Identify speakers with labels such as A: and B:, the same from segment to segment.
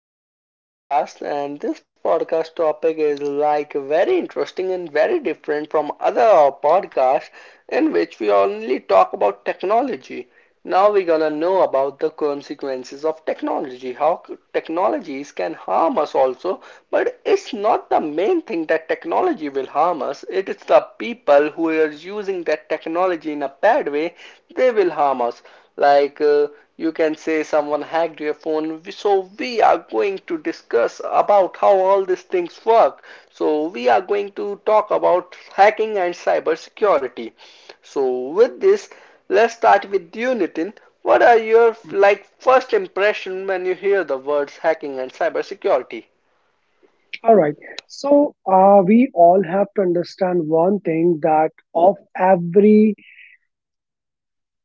A: to our new podcast. And this podcast topic is like very interesting and very different from other podcasts in which we only talk about technology. Now, we're gonna know about the consequences of technology, how technologies can harm us also. But it's not the main thing that technology will harm us, it is the people who are using that technology in a bad way they will harm us. Like uh, you can say someone hacked your phone. So we are going to discuss about how all these things work. So we are going to talk about hacking and cyber security. So with this, let's start with you, Nitin. What are your like first impression when you hear the words hacking and cyber security?
B: All right. So we all have to understand one thing, that of every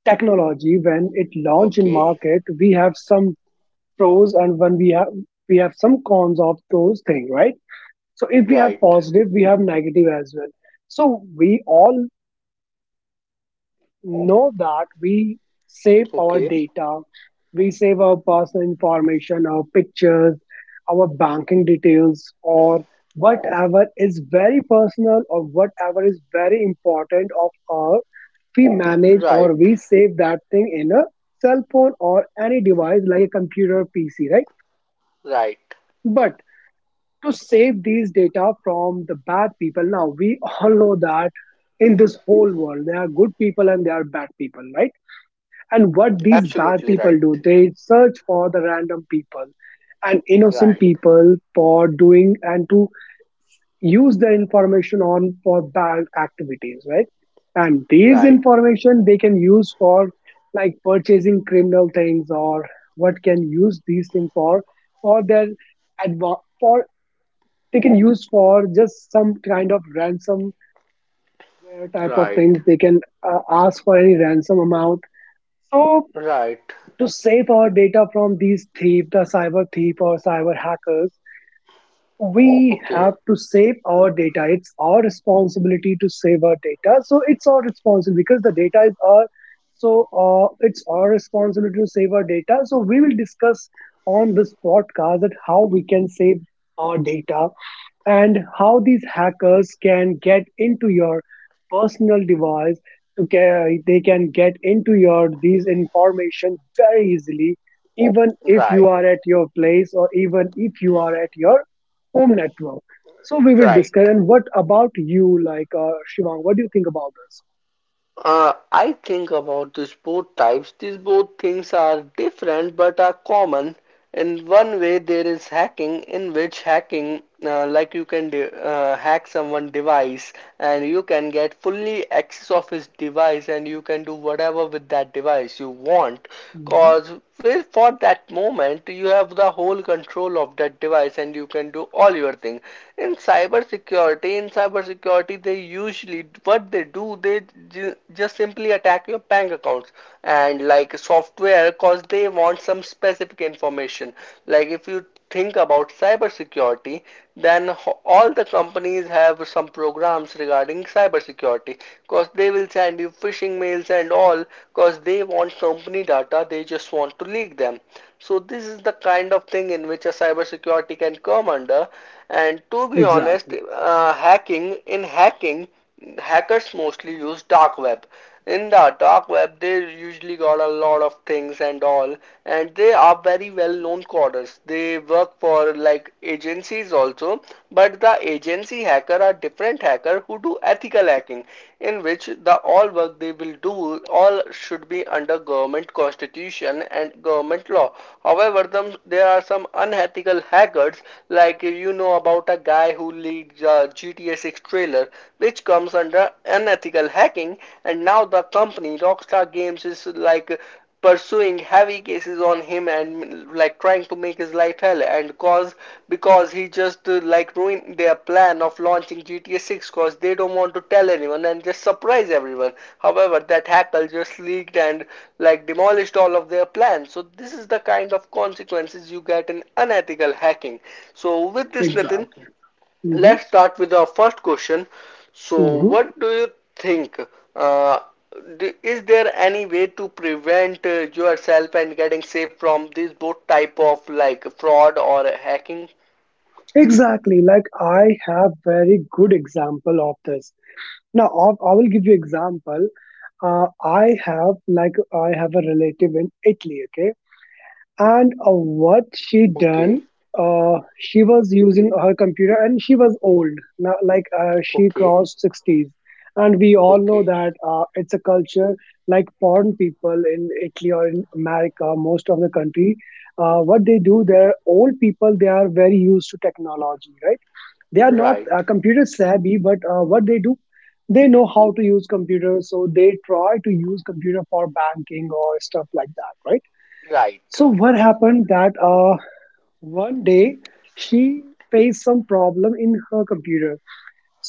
B: technology, when it launched in
A: Okay,
B: market, we have some pros, and when we have some cons of those things, right? So if we have
A: right.
B: positive, we have negative as well. So we all know that we save our
A: Okay,
B: data, we save our personal information, our pictures, our banking details, or whatever is very personal or whatever is very important of our, we manage
A: right,
B: or we save that thing in a cell phone or any device like a computer or PC, right?
A: right.
B: But to save these data from the bad people, now we all know that in this whole world there are good people and there are bad people, right? And what these bad
A: Absolutely
B: people
A: right.
B: do, they search for the random people and innocent
A: Right,
B: people for doing and to use the information on for bad activities, right? And these
A: right,
B: information they can use for like purchasing criminal things, or what can use these things for their adva- for they can use for just some kind of ransomware type of
A: right.
B: things. They can ask for any ransom amount. So
A: Right.
B: to save our data from these thieves, the cyber thief or cyber hackers, we
A: Okay.
B: have to save our data. It's our responsibility to save our data. So it's our responsibility because the data is our. So it's our responsibility to save our data. So we will discuss on this podcast that how we can save our data, and how these hackers can get into your personal device to they can get into your these information very easily, even if you
A: Right.
B: are at your place or even if you are at your home network. So we will
A: Right.
B: discuss. And what about you, like Shivang, what do you think about this?
A: I think about these both types. These both things are different but are common. In one way, there is hacking, in which hacking, like you can hack someone device, and you can get fully access of his device and you can do whatever with that device you want.
B: Hmm.
A: Cause well, for that moment, you have the whole control of that device and you can do all your thing. In cybersecurity, they usually what they do, they just simply attack your bank accounts and like software, cause they want some specific information. Like if you think about cybersecurity, then all the companies have some programs regarding cybersecurity because they will send you phishing mails and all because they want company data, they just want to leak them. So this is the kind of thing in which a cybersecurity can come under. And to be honest,
B: Exactly.
A: hacking in hacking, hackers mostly use dark web. In the dark web, they usually got a lot of things and all, and they are very well known coders. They work for like agencies also, but the agency hacker are different hacker who do ethical hacking in which the all work they will do all should be under government constitution and government law. However, them, there are some unethical hackers like you know about a guy who leads a GTA 6 trailer which comes under unethical hacking, and now the company Rockstar Games is like pursuing heavy cases on him and like trying to make his life hell and cause because he just like ruined their plan of launching GTA 6 cause they don't want to tell anyone and just surprise everyone. However, that hacker just leaked and like demolished all of their plans. So this is the kind of consequences you get in unethical hacking. So with this Nitin,
B: Exactly. Hmm.
A: let's start with our first question. So,
B: Hmm.
A: what do you think? Uh, is there any way to prevent yourself and getting safe from this both type of like fraud or hacking?
B: Exactly. Like I have very good example of this. Now, I will give you example. I have like I have a relative in Italy, okay, and what she done?
A: Okay,
B: She was using her computer, and she was old. Now, like she
A: okay,
B: crossed sixties, and we all know
A: okay.
B: that it's a culture like porn people in Italy or in America, most of the country. What they do, their old people, they are very used to technology, right? They are not
A: Right,
B: computer savvy, but what they do, they know how to use computers, so they try to use computer for banking or stuff like that, right?
A: right.
B: So what happened that one day she faced some problem in her computer.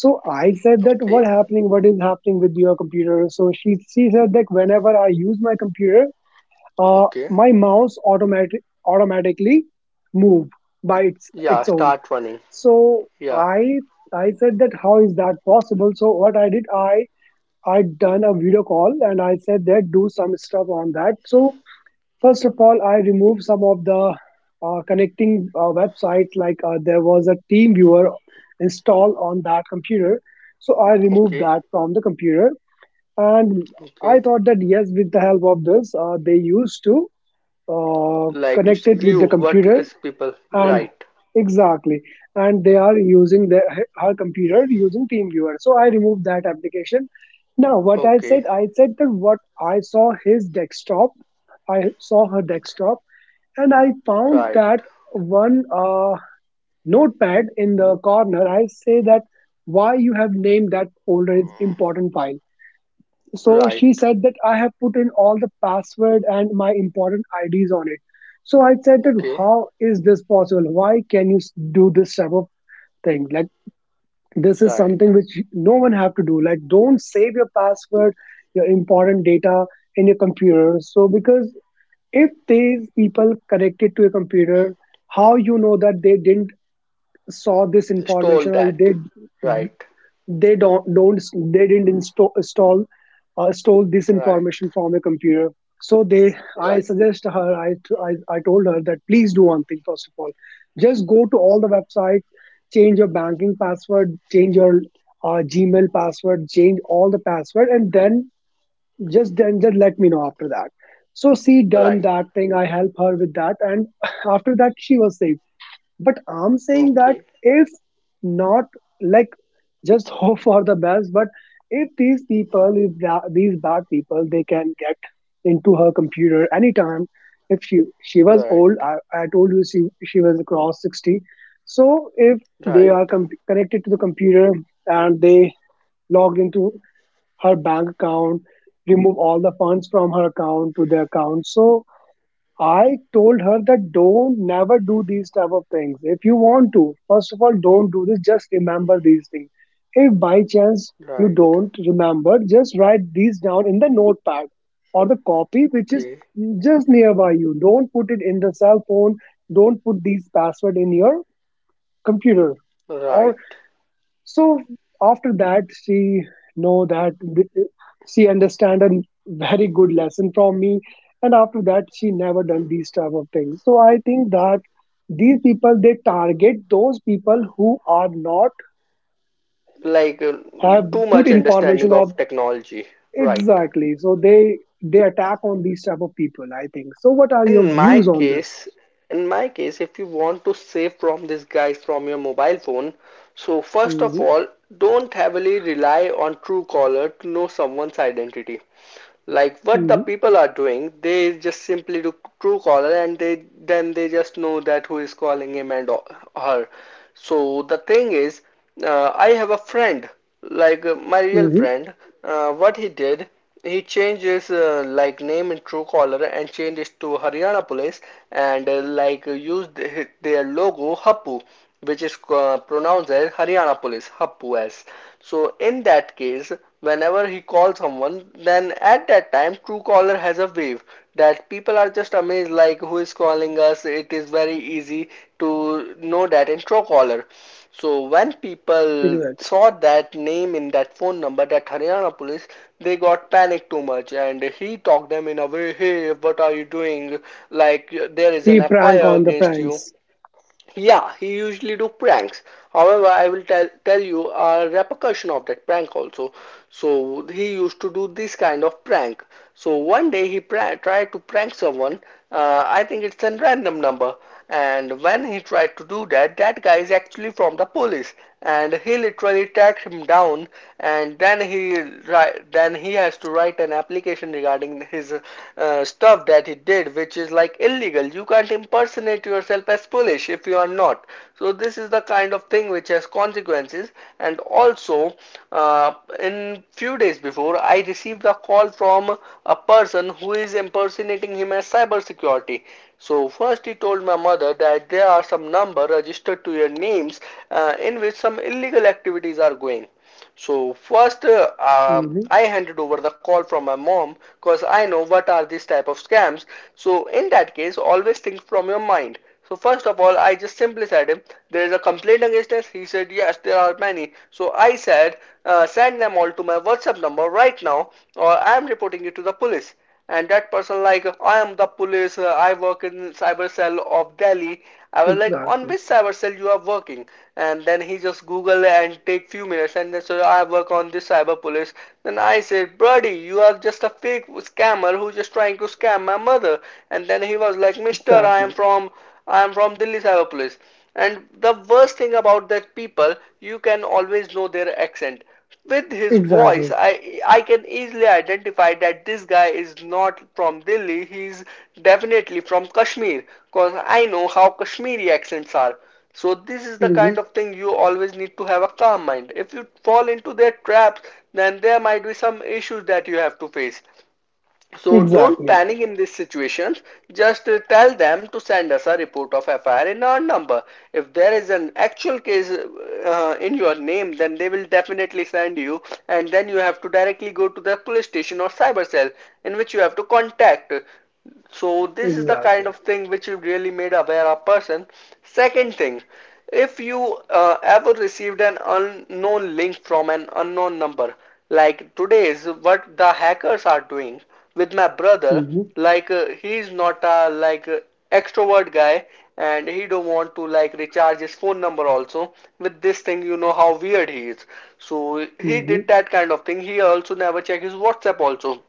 B: So I said that what
A: Okay,
B: happening, what is happening with your computer? So she said that whenever I use my computer, uh,
A: okay.
B: my mouse automatically move by its
A: Yeah,
B: its own.
A: start running.
B: So
A: Yeah,
B: I said that how is that possible? So what I did, I done a video call and I said that do some stuff on that. So first of all, I removed some of the connecting websites. Like there was a team viewer installed on that computer, so I removed
A: okay,
B: that from the computer. And I
A: okay.
B: thought that yes, with the help of this, they used to
A: Like
B: connect it with
A: view
B: the
A: what
B: computer,
A: is people.
B: and
A: Right.
B: exactly, and they are using their her computer using teamviewer, so I removed that application. Now what I said,
A: Okay,
B: I said that what I saw his desktop, I saw her desktop, and I found
A: right,
B: that one notepad in the corner. I say that why you have named that folder is important file. So she
A: right.
B: said that I have put in all the password and my important IDs on it. So I said that
A: Okay,
B: how is this possible? Why can you do this type of thing? Like this is
A: right.
B: something which no one have to do. Like don't save your password, your important data in your computer. So because if these people connected to a computer, how you know that they didn't saw this information,
A: Stole
B: or
A: that. Right.
B: they don't they didn't install install stole this
A: Right.
B: information from a computer? So they I
A: Right.
B: suggest her, I told her that please do one thing, first of all, just go to all the websites, change your banking password, change your Gmail password, change all the password, and then just let me know after that. So she done
A: Right.
B: that thing, I help her with that, and after that she was safe. But I'm saying that
A: Okay.
B: if not, like, just hope for the best. But if these people, if these bad people, they can get into her computer anytime. If she was
A: Right.
B: old, I told you she was across 60. So if they are
A: Right.
B: connected to the computer and they logged into her bank account, remove all the funds from her account to their account. So I told her that don't never do these type of things. If you want to, first of all, don't do this. Just remember these things. If by chance you
A: Right.
B: don't remember, just write these down in the notepad or the copy which is
A: Okay.
B: just nearby you. Don't put it in the cell phone. Don't put these password in your computer. Or
A: Right.
B: so after that she know that she understand a very good lesson from me, and after that she never done these type of things. So I think that these people they target those people who are not
A: Like uh,
B: have
A: Too
B: good
A: much understanding
B: information of,
A: of technology. Right.
B: exactly, so they attack on these type of people, I think. So what are your
A: In my
B: views on this?
A: case, in my case, if you want to save from these guys from your mobile phone, so first of
B: Mm-hmm,
A: all, don't heavily rely on Truecaller to know someone's identity. Like what the
B: mm-hmm,
A: people are doing, they just simply do true caller and they then they just know that who is calling him and her. So the thing is, I have a friend, my real
B: mm-hmm,
A: friend. What he did, he changed his like name in Truecaller and changed it to Haryana Police, and like used their logo Hapu, which is pronounced as Haryana Police, Happu as. So in that case, whenever he calls someone, then at that time Truecaller has a wave that people are just amazed like who is calling us. It is very easy to know that in Truecaller. So when people
B: exactly.
A: saw that name in that phone number, that Haryana Police, they got panicked too much, and he talked them in a way, hey, what are you doing? Like there is
B: He
A: an
B: prank
A: FIR
B: on the
A: against you.
B: friends.
A: Yeah, he usually do pranks. However, I will tell you a repercussion of that prank also. So he used to do this kind of prank. So one day he tried to prank someone. I think it's a random number. And when he tried to do that, that guy is actually from the police, and he literally tracked him down, and then he has to write an application regarding his stuff that he did, which is like illegal. You can't impersonate yourself as polish if you are not. So this is the kind of thing which has consequences. And also, uh, in few days before, I received a call from a person who is impersonating him as cybersecurity. So first he told my mother that there are some number registered to your names, in which some illegal activities are going. So first
B: Mm-hmm,
A: I handed over the call from my mom because I know what are these type of scams. So in that case always think from your mind. So first of all I just simply said him, there is a complaint against us. He said yes there are many. So I said, send them all to my WhatsApp number right now, or I am reporting you to the police. And that person like, I am the police, I work in cyber cell of Delhi. I was like, on
B: exactly.
A: which cyber cell you are working? And then he just google and take few minutes and then, so I work on this cyber police. Then I said, buddy, you are just a fake scammer who just trying to scam my mother. And then he was like, mister, i am
B: Exactly.
A: from i am from Delhi cyber police. And the worst thing about that people, you can always know their accent. With his voice,
B: Exactly.
A: I can easily identify that this guy is not from Delhi. He's definitely from Kashmir, cause I know how Kashmiri accents are. So this is the
B: Hmm.
A: kind of thing, you always need to have a calm mind. If you fall into their traps, then there might be some issues that you have to face. So don't
B: Exactly.
A: panic in these situations. Just tell them to send us a report of FIR in our number. If there is an actual case in your name, then they will definitely send you, and then you have to directly go to the police station or cyber cell in which you have to contact. So this is the kind
B: Exactly.
A: of thing which really made aware a person. Second thing, if you ever received an unknown link from an unknown number, like today's what the hackers are doing with my brother,
B: Hmm.
A: he's not a extrovert guy, and he don't want to like recharge his phone number also. With this thing you know how weird he is. So he
B: Hmm.
A: did that kind of thing. He also never checked his WhatsApp also.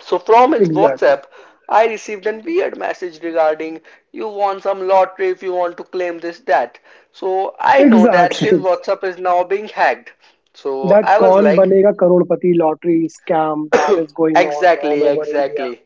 A: So from his
B: Exactly.
A: WhatsApp, I received a weird message regarding, you want some lottery, if you want to claim this that. So I know that
B: Exactly.
A: his WhatsApp is now being hacked. So
B: That
A: I was
B: kaun
A: like,
B: banega karodpati lottery scam that is going on all
A: exactly,
B: over India.
A: exactly.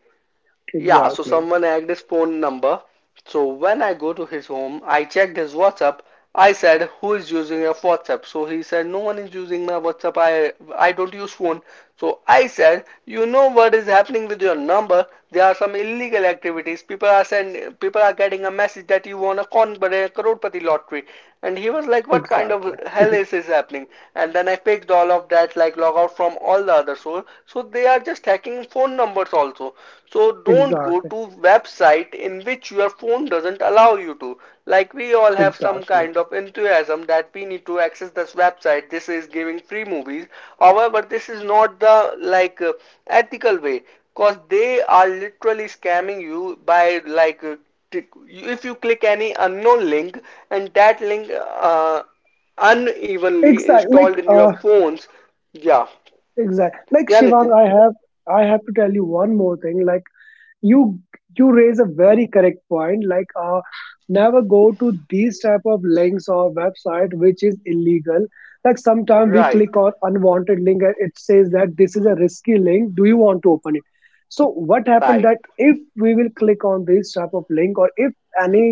A: Yeah, so
B: Exactly.
A: someone hacked his phone number. So when I go to his home, I checked his WhatsApp. I said, "Who is using your WhatsApp?" So he said, "No one is using my WhatsApp. I don't use phone." So I said, "You know what is happening with your number? There are some illegal activities. People are getting a message that you won a con crorepati lottery." And he was like, "What kind of
B: Exactly.
A: hell is this happening?" And then I fixed all of that, like log out from all the other source. So they are just hacking phone numbers also. So don't go
B: Exactly.
A: to website in which your phone doesn't allow you to. Like we all have some
B: Exactly.
A: kind of enthusiasm that we need to access this website, this is giving free movies. However this is not the ethical way, because they are literally scamming you by if you click any unknown link, and that link uh, unevenly
B: Exactly.
A: installed in your phones. Yeah,
B: Exactly. Like
A: yeah
B: Shivang,
A: Nitin.
B: I have to tell you one more thing. Like. you you raise a very correct point, like never go to these type of links or website which is illegal. Like sometimes we
A: Right,
B: click on unwanted link and it says that this is a risky link, do you want to open it? So what happened
A: right,
B: that if we will click on this type of link, or if any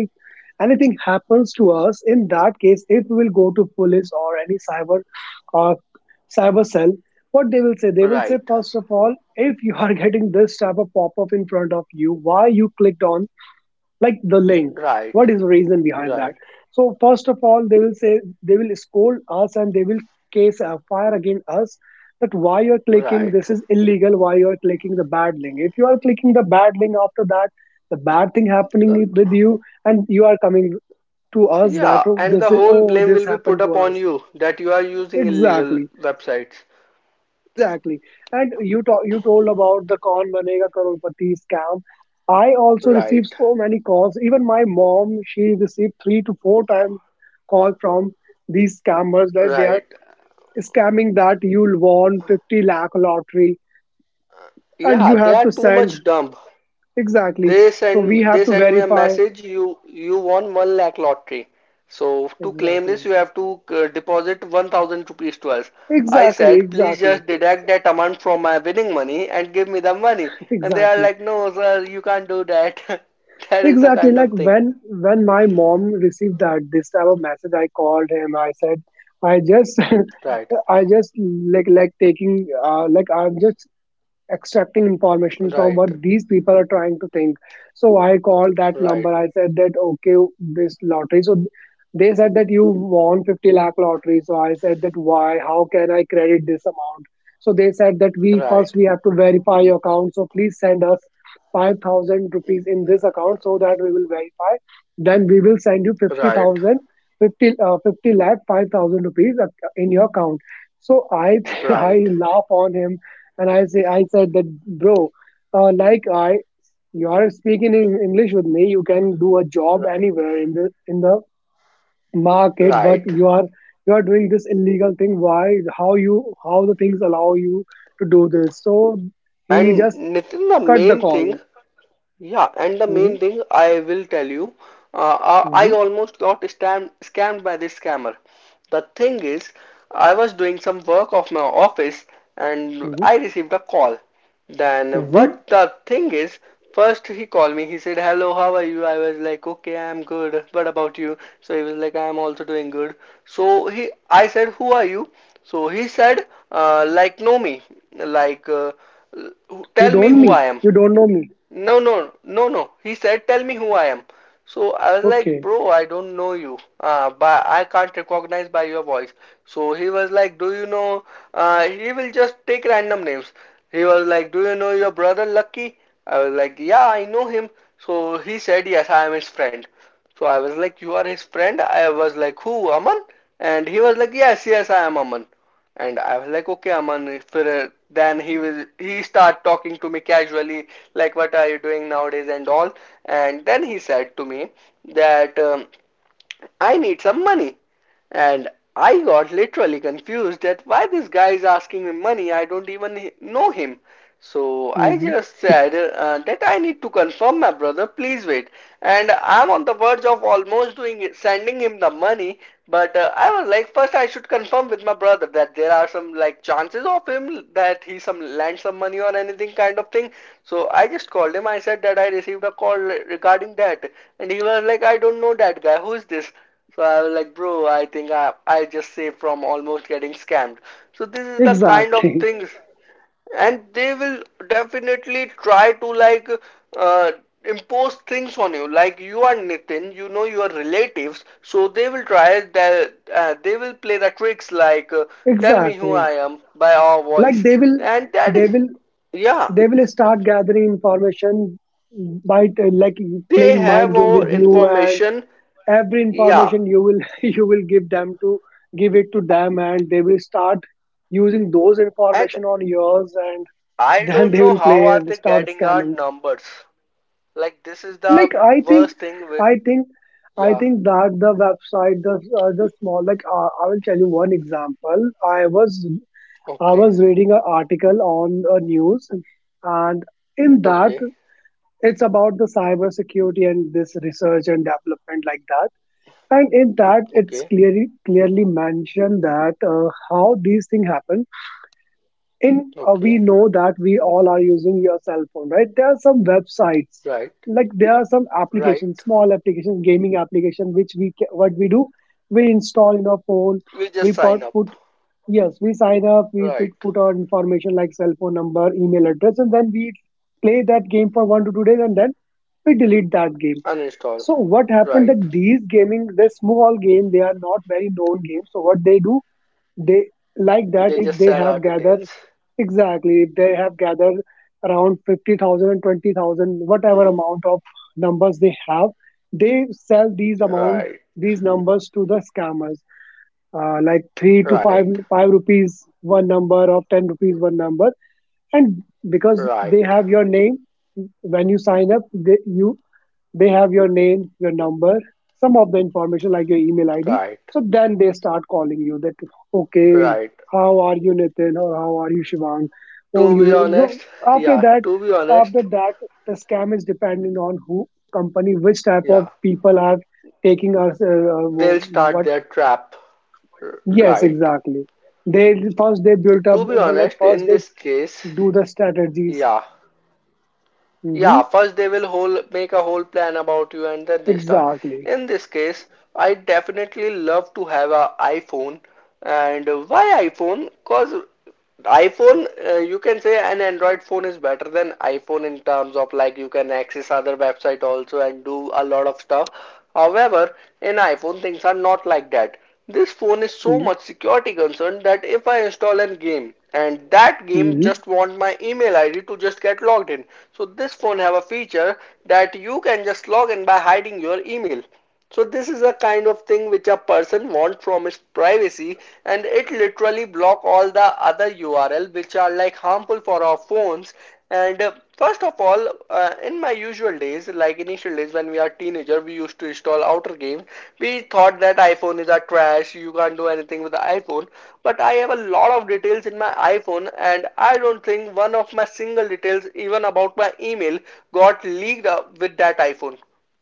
B: anything happens to us, in that case if we will go to police or any cyber uh, cyber cell, what they will say, they will say
A: right.
B: first of all, if you are getting this type of pop-up in front of you, why you clicked on like the link,
A: Right.
B: what is the reason behind that?
A: Right.
B: So first of all they will say, they will scold us, and they will case a fire against us, that why you're clicking,
A: Right.
B: this is illegal, why you're clicking the bad link, if you are clicking the bad link, after that the bad thing happening
A: The,
B: with you, and you are coming to us that
A: yeah,
B: oh
A: and
B: this
A: the
B: is,
A: whole
B: oh
A: blame
B: this
A: will be
B: happened
A: put
B: to
A: upon
B: us.
A: you that you are using illegal
B: Exactly,
A: websites.
B: exactly. And you talk you told about the kaun banega crorepati scam, I also received
A: Right.
B: so many calls, even my mom she received 3 to 4 times call from these scammers that they are
A: Right.
B: scamming that you'll won 50 lakh lottery and
A: Yeah,
B: you
A: they
B: have
A: are
B: to
A: too
B: send,
A: much dumb.
B: exactly,
A: They
B: so we
A: send
B: have
A: they
B: to
A: send me a
B: verify,
A: message. You won one lakh lottery. So to claim this,
B: exactly,
A: you have to deposit 1,000 rupees to us. I
B: exactly,
A: said, please
B: exactly,
A: just deduct that amount from my winning money and give me the money. And they are
B: exactly.
A: like, no, sir, you can't do that. That is the
B: Exactly.
A: kind
B: Like
A: of thing.
B: when my mom received that this type of message, I called him. I said, I just,
A: Right,
B: I just like taking like I'm just extracting information from
A: right,
B: what these people are trying to think. So I called that
A: right,
B: number. I said that okay, this lottery. So they said that you won 50 lakh lottery. So I said that why? How can I credit this amount? So they said that we first
A: right,
B: we have to verify your account. So please send us 5,000 rupees in this account so that we will verify. Then we will send you
A: right,
B: 50,000, 50 lakh, 5,000 rupees in your account. So I I
A: right,
B: laugh on him, and I say, I said that, bro, like I, you are speaking in English with me. You can do a job
A: right,
B: anywhere in the market, but
A: right.
B: you are doing this illegal thing. Why? How you? How the things allow you to do this? So he
A: And
B: just
A: Nitin, the
B: cut the
A: main
B: call.
A: thing. Yeah, and the
B: Hmm.
A: main thing I will tell you, I
B: Hmm.
A: almost got scammed by this scammer. The thing is, I was doing some work of my office and
B: Hmm.
A: I received a call. Then
B: Hmm.
A: what the thing is, first he called me. He said, "Hello, how are you?" I was like, "Okay, I'm good. What about you?" So he was like, "I'm also doing good." So he, I said, "Who are you?" So he said, "Like know me, like
B: You
A: tell me
B: don't
A: who
B: me.
A: I am."
B: You don't know me.
A: No, no, no, no. He said, tell me who I am. So I was like,
B: Okay.
A: bro, I don't know you. But I can't recognize by your voice. So he was like, do you know? He will just take random names. He was like, do you know your brother Lucky? I was like, yeah, I know him. So he said, yes, I am his friend. So I was like, you are his friend? I was like, who, Aman? And he was like, yes, yes, I am Aman. And I was like, okay, Aman, if then he started talking to me casually, like what are you doing nowadays and all. And then he said to me that I need some money. And I got literally confused that why this guy is asking me money. I don't even know him. So I
B: Hmm.
A: just said that I need to confirm my brother, please wait. And I'm on the verge of almost doing it, sending him the money, but I was like, first I should confirm with my brother that there are some like chances of him that he some lend some money or anything kind of thing. So I just called him. I said that I received a call regarding that, and he was like, I don't know that guy. Who is this? So I was like, bro, I think I just saved from almost getting scammed. So this is the kind of
B: Exactly.
A: things and they will definitely try to like uh, impose things on you. Like you are Nitin, you know your relatives, so they will try that they will play the tricks like tell me who
B: Exactly.
A: I am by our
B: Like
A: voice,
B: they will,
A: and that
B: they
A: is
B: will
A: yeah,
B: they will start gathering information by
A: they
B: playing mind
A: have
B: game with
A: our
B: you, and
A: information.
B: every
A: Yeah,
B: information you will you will give it to them, and they will start using those
A: and
B: information on yours. And
A: I
B: then
A: don't
B: they
A: know
B: will play
A: how are
B: and
A: they
B: start
A: getting our
B: scamming.
A: numbers. Like this is
B: Like,
A: the worst thing with
B: i think i
A: yeah.
B: think that the website, the— the small, like, I will tell you one example. i was i
A: Okay,
B: was reading an article on a news, and in
A: okay,
B: that, it's about the cybersecurity and this research and development, like that. And in that, it's
A: okay,
B: clearly mentioned that how these things happen in— we
A: okay,
B: know that we all are using your cell phone, right? There are some websites,
A: right.
B: like there are some
A: Right.
B: applications, small applications, gaming application, which what we do, we install in our phone.
A: We
B: We
A: just
B: put,
A: sign up.
B: put Yes, we sign up, we
A: Right.
B: put our information, like cell phone number, email address, and then we play that game for 1 to 2 days, and then we delete that game.
A: Uninstall.
B: So what happened,
A: Right.
B: that these— gaming this small game, they are not very known games, so what they do, they— like that,
A: They
B: if
A: just
B: they
A: sell our
B: have gathered—
A: details.
B: exactly. If they have gathered around 50000 and 20000, whatever amount of numbers they have, they sell these— amount
A: Right.
B: these numbers to the scammers, like 3 to 5
A: Right.
B: 5 rupees one number, or 10 rupees one number. And because they
A: Right.
B: have your name when you sign up, they have your name, your number, some of the information like your email
A: Right.
B: ID. So then they start calling you that,
A: Right.
B: okay, how are you, Nitin? Or how are you, Shivang?
A: To be
B: Oh,
A: honest,
B: you— so
A: yeah.
B: after
A: To be
B: that
A: honest,
B: after that the scam is depending on who company, which type
A: yeah.
B: of people are taking us. Uh,
A: They'll start
B: what
A: their trap.
B: Yes,
A: Right.
B: exactly. They— first, they built up,
A: To be
B: well, like
A: honest,
B: first
A: in
B: they
A: this case,
B: do the strategies.
A: yeah.
B: Hmm.
A: Yeah, first they will whole make a whole plan about you and then they start.
B: Exactly.
A: In this case, I definitely love to have a iPhone. And why iPhone? Because iPhone, you can say an Android phone is better than iPhone in terms of like you can access other website also and do a lot of stuff. However, in iPhone things are not like that. This phone is so
B: Mm-hmm.
A: much security concern that if I install a game and that game
B: Mm-hmm.
A: just want my email ID to just get logged in. So this phone have a feature that you can just log in by hiding your email. So this is a kind of thing which a person wants from his privacy, and it literally block all the other URL which are like harmful for our phones. And first of all, in my usual days, like initial days when we are teenager, we used to install outer games. We thought that iPhone is a trash, you can't do anything with the iPhone, but I have a lot of details in my iPhone, and I don't think one of my single details even about my email got leaked up with that iPhone,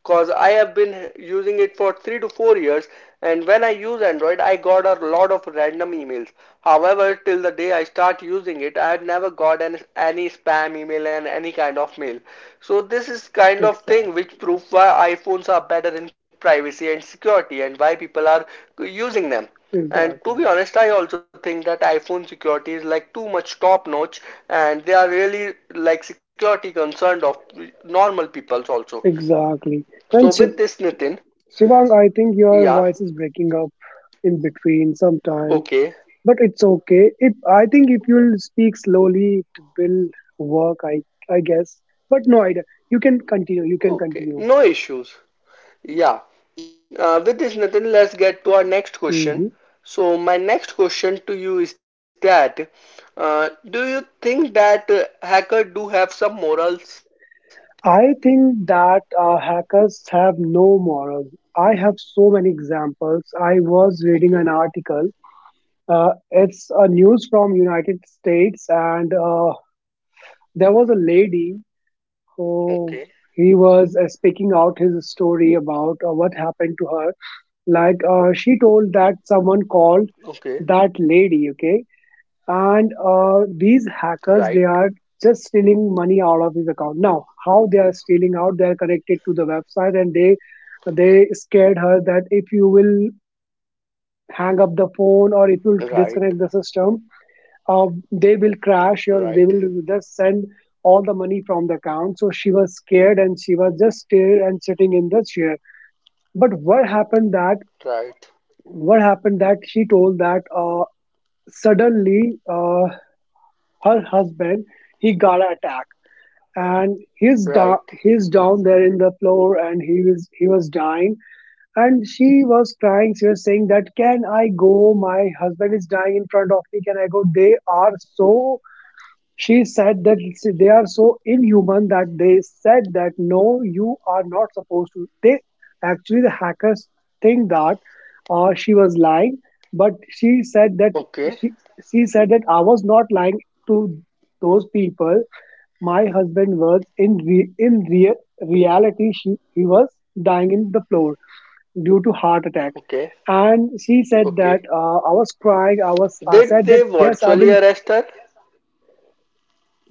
A: cause I have been using it for 3 to 4 years. And when I use Android, I got a lot of random emails. However, till the day I start using it, I had never got any spam email and any kind of mail. So this is kind of thing which
B: Exactly.
A: proves why iPhones are better in privacy and security and why people are using them. And
B: Exactly.
A: to be honest, I also think that iPhone security is like too much top notch and they are really like security concerned of normal peoples also.
B: Exactly. And
A: So with this Nitin,
B: Shivang, I think your
A: yeah,
B: voice is breaking up in between sometime,
A: okay,
B: but it's okay. If, I think, if you'll speak slowly, it will work. I guess. But no idea. You can continue. You can
A: okay,
B: continue.
A: no issues. Yeah, with this Nitin, let's get to our next question.
B: Hmm.
A: So my next question to you is that, do you think that hacker do have some morals?
B: I think that hackers have no morals. I have so many examples. I
A: Okay,
B: was reading an article. Uh, it's a news from United States, and there was a lady.
A: okay,
B: So he was speaking out his story about what happened to her. Like, she told that someone
A: okay,
B: called that lady, okay, and these
A: right,
B: hackers, they are just stealing money out of his account. Now, how they are stealing out? They are connected to the website, and they scared her that if you will hang up the phone or if you will
A: right,
B: disconnect the system, they will crash, or
A: right,
B: they will just send all the money from the account. So she was scared, and she was just still and sitting in the chair. But what happened that
A: right,
B: what happened that she told that suddenly, her husband, he got an attack, and
A: right.
B: he's down there in the floor, and he was dying. And she was crying, she was saying that, can I go? My husband is dying in front of me, can I go? They are so— she said that they are so inhuman that they said that, no, you are not supposed to. They— actually the hackers think that she was lying, but
A: Okay,
B: she she said that I was not lying to those people. My husband was in re, in rea, reality— he was dying in the floor due to heart attack.
A: okay,
B: And she said that,
A: okay.
B: I was crying. I said
A: Did
B: that,
A: they
B: yes, I
A: virtually
B: will.
A: arrest her?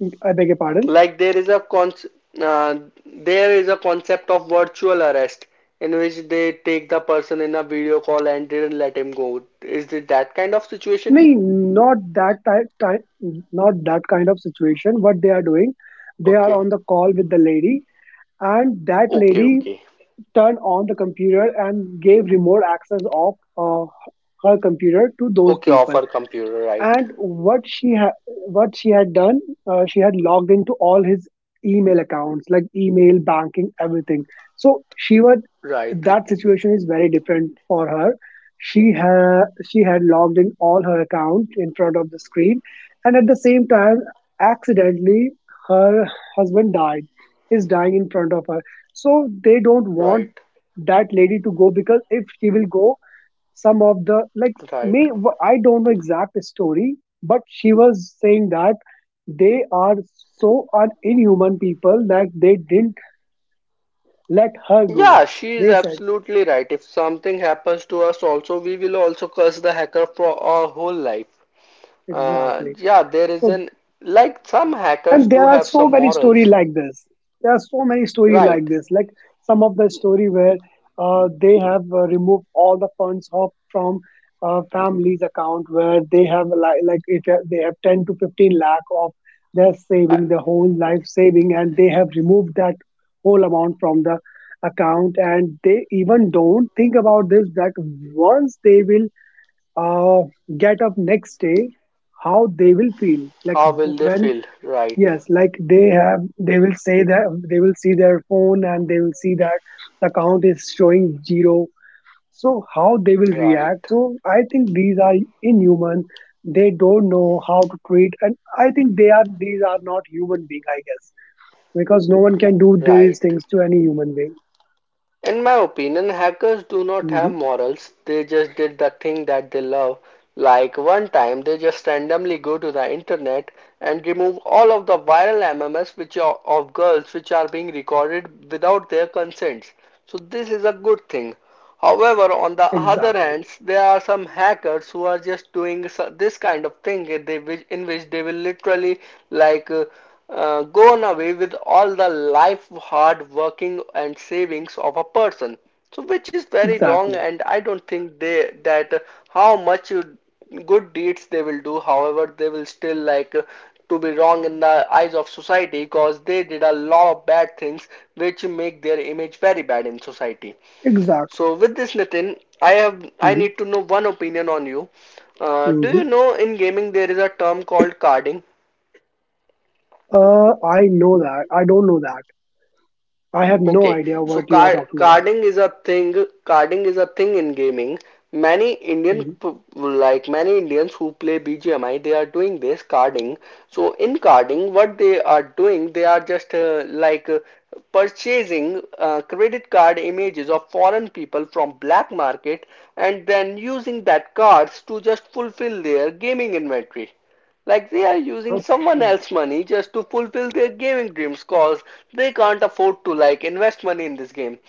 B: I beg your pardon?
A: Like uh, there is a concept of virtual arrest in which they take the person in a video call and didn't let him go. Is it that kind of situation?
B: नहीं, not that kind of situation. What they are doing, they are
A: Okay.
B: on the call with the lady, and that
A: Okay,
B: lady
A: okay.
B: turned on the computer and gave remote access of her computer to those
A: Okay,
B: people.
A: offer computer, right.
B: And what she had done, she had logged into all his email accounts, like email, banking, everything. So she was
A: Right,
B: that situation is very different for her. She had she had logged in all her account in front of the screen, and at the same time, accidentally, her husband died— is dying in front of her. So they don't want
A: right,
B: that lady to go, because if she will go— some of the like
A: right.
B: me I don't know exact story, but she was saying that they are so inhuman people, that they didn't let her go.
A: Yeah, she is
B: They said—
A: absolutely right. If something happens to us also, we will also curse the hacker for our whole life.
B: exactly.
A: Yeah, there is
B: So,
A: an like some hackers
B: and there
A: do
B: are
A: have
B: so
A: some
B: many story
A: morals,
B: like this. There are so many story like
A: right?
B: this, like some of the story where they have removed all the funds of from family's account, where they have, like, if they have 10 to 15 lakh of their
A: I,
B: saving, the whole life saving, and they have removed that whole amount from the account. And they even don't think about this, that once they will uh, get up next day, how they will feel, like
A: How will they
B: when—
A: feel? Right,
B: yes, like they will say that they will see their phone, and they will see that the count is showing zero. So how they will react?
A: right,
B: So I think these are inhuman. They don't know how to treat, and I think they are these are not human being. I guess, because no one can do these
A: right.
B: things to any human being.
A: In my opinion, hackers do not
B: Hmm.
A: have morals. They just did the thing that they love. Like one time, they just randomly go to the internet and remove all of the viral MMS which are of girls which are being recorded without their consents. So this is a good thing. However, on the other
B: Exactly,
A: hand, there are some hackers who are just doing this kind of thing in which they will literally like gone away with all the life hard working and savings of a person, so which is very wrong,
B: exactly,
A: and I don't think they that how much good deeds they will do, however they will still like to be wrong in the eyes of society because they did a lot of bad things which make their image very bad in society.
B: exactly.
A: So with this Nitin, I
B: Hmm.
A: need to know one opinion on you. Do you
B: Hmm.
A: know in gaming there is a term called carding?
B: I know that. I don't know that. I have no
A: Okay,
B: idea
A: so
B: what you are talking about.
A: carding is a thing. Carding is a thing in gaming. Many
B: Mhm.
A: like many Indians who play BGMI, they are doing this carding. So in carding, what they are doing, they are just like purchasing credit card images of foreign people from black market and then using that cards to just fulfill their gaming inventory. Like they are using someone
B: Okay.
A: else's money just to fulfill their gaming dreams cause they can't afford to like invest money in this game.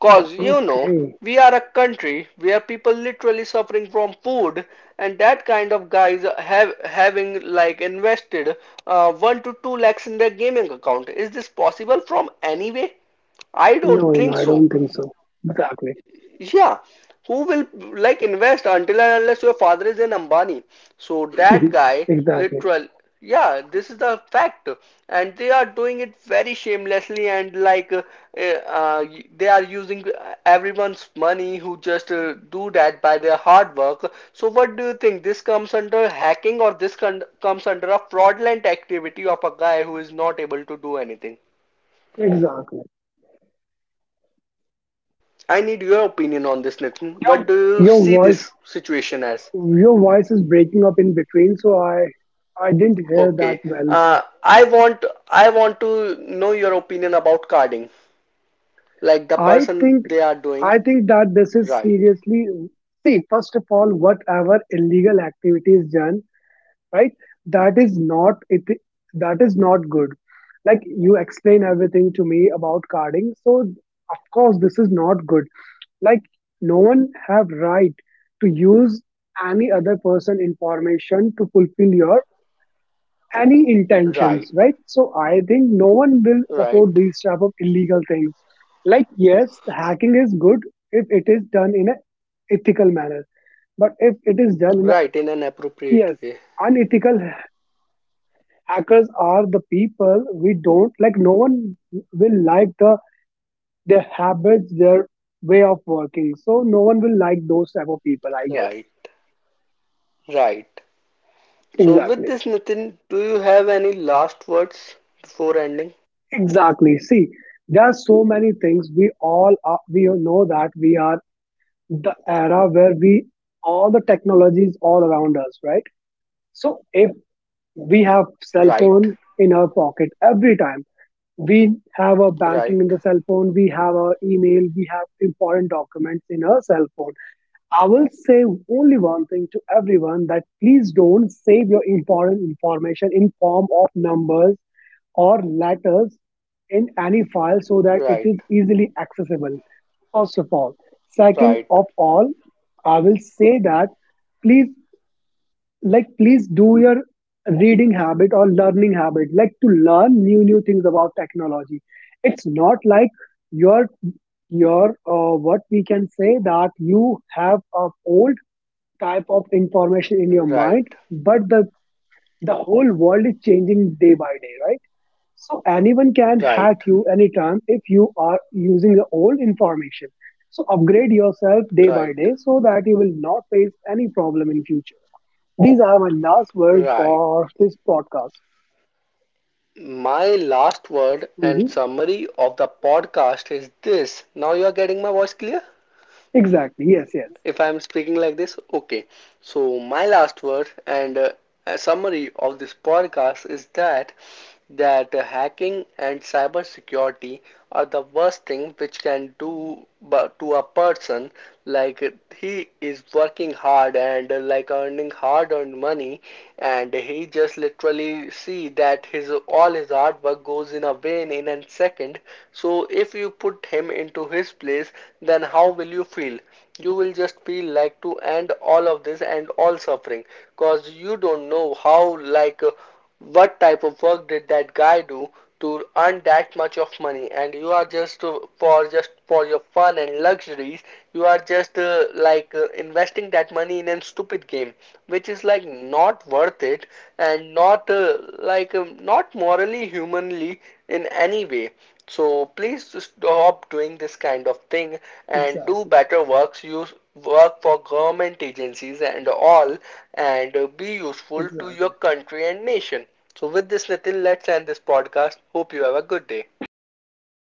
A: Cause
B: Okay.
A: we are a country where people literally suffering from food and that kind of guys have having like invested 1 to 2 lakhs in their gaming account. Is this possible from any way? I don't
B: No, no, no,
A: think
B: I
A: so.
B: don't think so. Exactly.
A: Yeah, who will like invest until and unless your father is an Ambani? So that guy,
B: Exactly.
A: literal, yeah, this is the fact, and they are doing it very shamelessly and like uh, they are using everyone's money who just do that by their hard work. So what do you think? This comes under hacking or this con comes under a fraudulent activity of a guy who is not able to do anything?
B: Exactly.
A: I need your opinion on this, Nitin. What do you
B: Your
A: see this
B: voice
A: situation as?
B: your voice is breaking up in between, so I didn't hear that
A: Okay.
B: well.
A: Uh, I want I want to know your opinion about carding, like the
B: I
A: person
B: think
A: they are doing.
B: I think that this is
A: Right.
B: seriously— see, first of all, whatever illegal activity is done, right, that is not it that is not good. Like you explain everything to me about carding, so of course this is not good. Like, no one have right to use any other person information to fulfill your any intentions,
A: Right.
B: right? So I think no one will
A: Right.
B: support these type of illegal things. Like, yes, hacking is good if it is done in a ethical manner, but if it is done in a—
A: Right in an appropriate
B: yes—
A: way.
B: unethical— hackers are the people we don't like. No one will like their habits, their way of working. So no one will like those type of people, I guess.
A: Right. Right. So with
B: Exactly.
A: this, Nitin, do you have any last words before ending?
B: Exactly. See, there are so many things. We know that we are the era where we all the technology is all around us, right? So if we have cell
A: Right.
B: phone in our pocket every time, we have our banking in
A: Right.
B: the cell phone, we have our email, we have important documents in our cell phone. I will say only one thing to everyone, that please don't save your important information in form of numbers or letters in any file, so that it
A: Right.
B: is easily accessible. First of all. Second
A: Right.
B: of all, I will say that, please, like, please do your reading habit or learning habit, like to learn new new things about technology. It's not like your your what we can say, that you have a old type of information in your mind,
A: Right.
B: but the— the whole world is changing day by day, right? So anyone can hack
A: Right.
B: you anytime if you are using the old information. So upgrade yourself day by
A: Right.
B: day, so that you will not face any problem in future. These are my last words
A: Right.
B: for this podcast.
A: My last word and
B: Hmm.
A: summary of the podcast is this. Now you are getting my voice clear?
B: Exactly. Yes, yes.
A: If I'm speaking like this, okay. So, my last word and a summary of this podcast is that hacking and cyber security are the worst thing which can do to a person, like he is working hard and like earning hard earned money, and he we just literally see that his all his hard work goes in a vain in a second. So if you put him into his place, then how will you feel? You will just feel like to end all of this and all suffering, cause you don't know how like what type of work did that guy do to earn that much of money, and you are just for just for your fun and luxuries you are just like investing that money in a stupid game which is like not worth it and not like not morally humanly in any way. So please stop doing this kind of thing and do
B: Exactly.
A: better works, use work for government agencies and all, and be useful to your
B: Exactly.
A: country and nation. So with this Nitin, let's end this podcast. Hope you have a good day.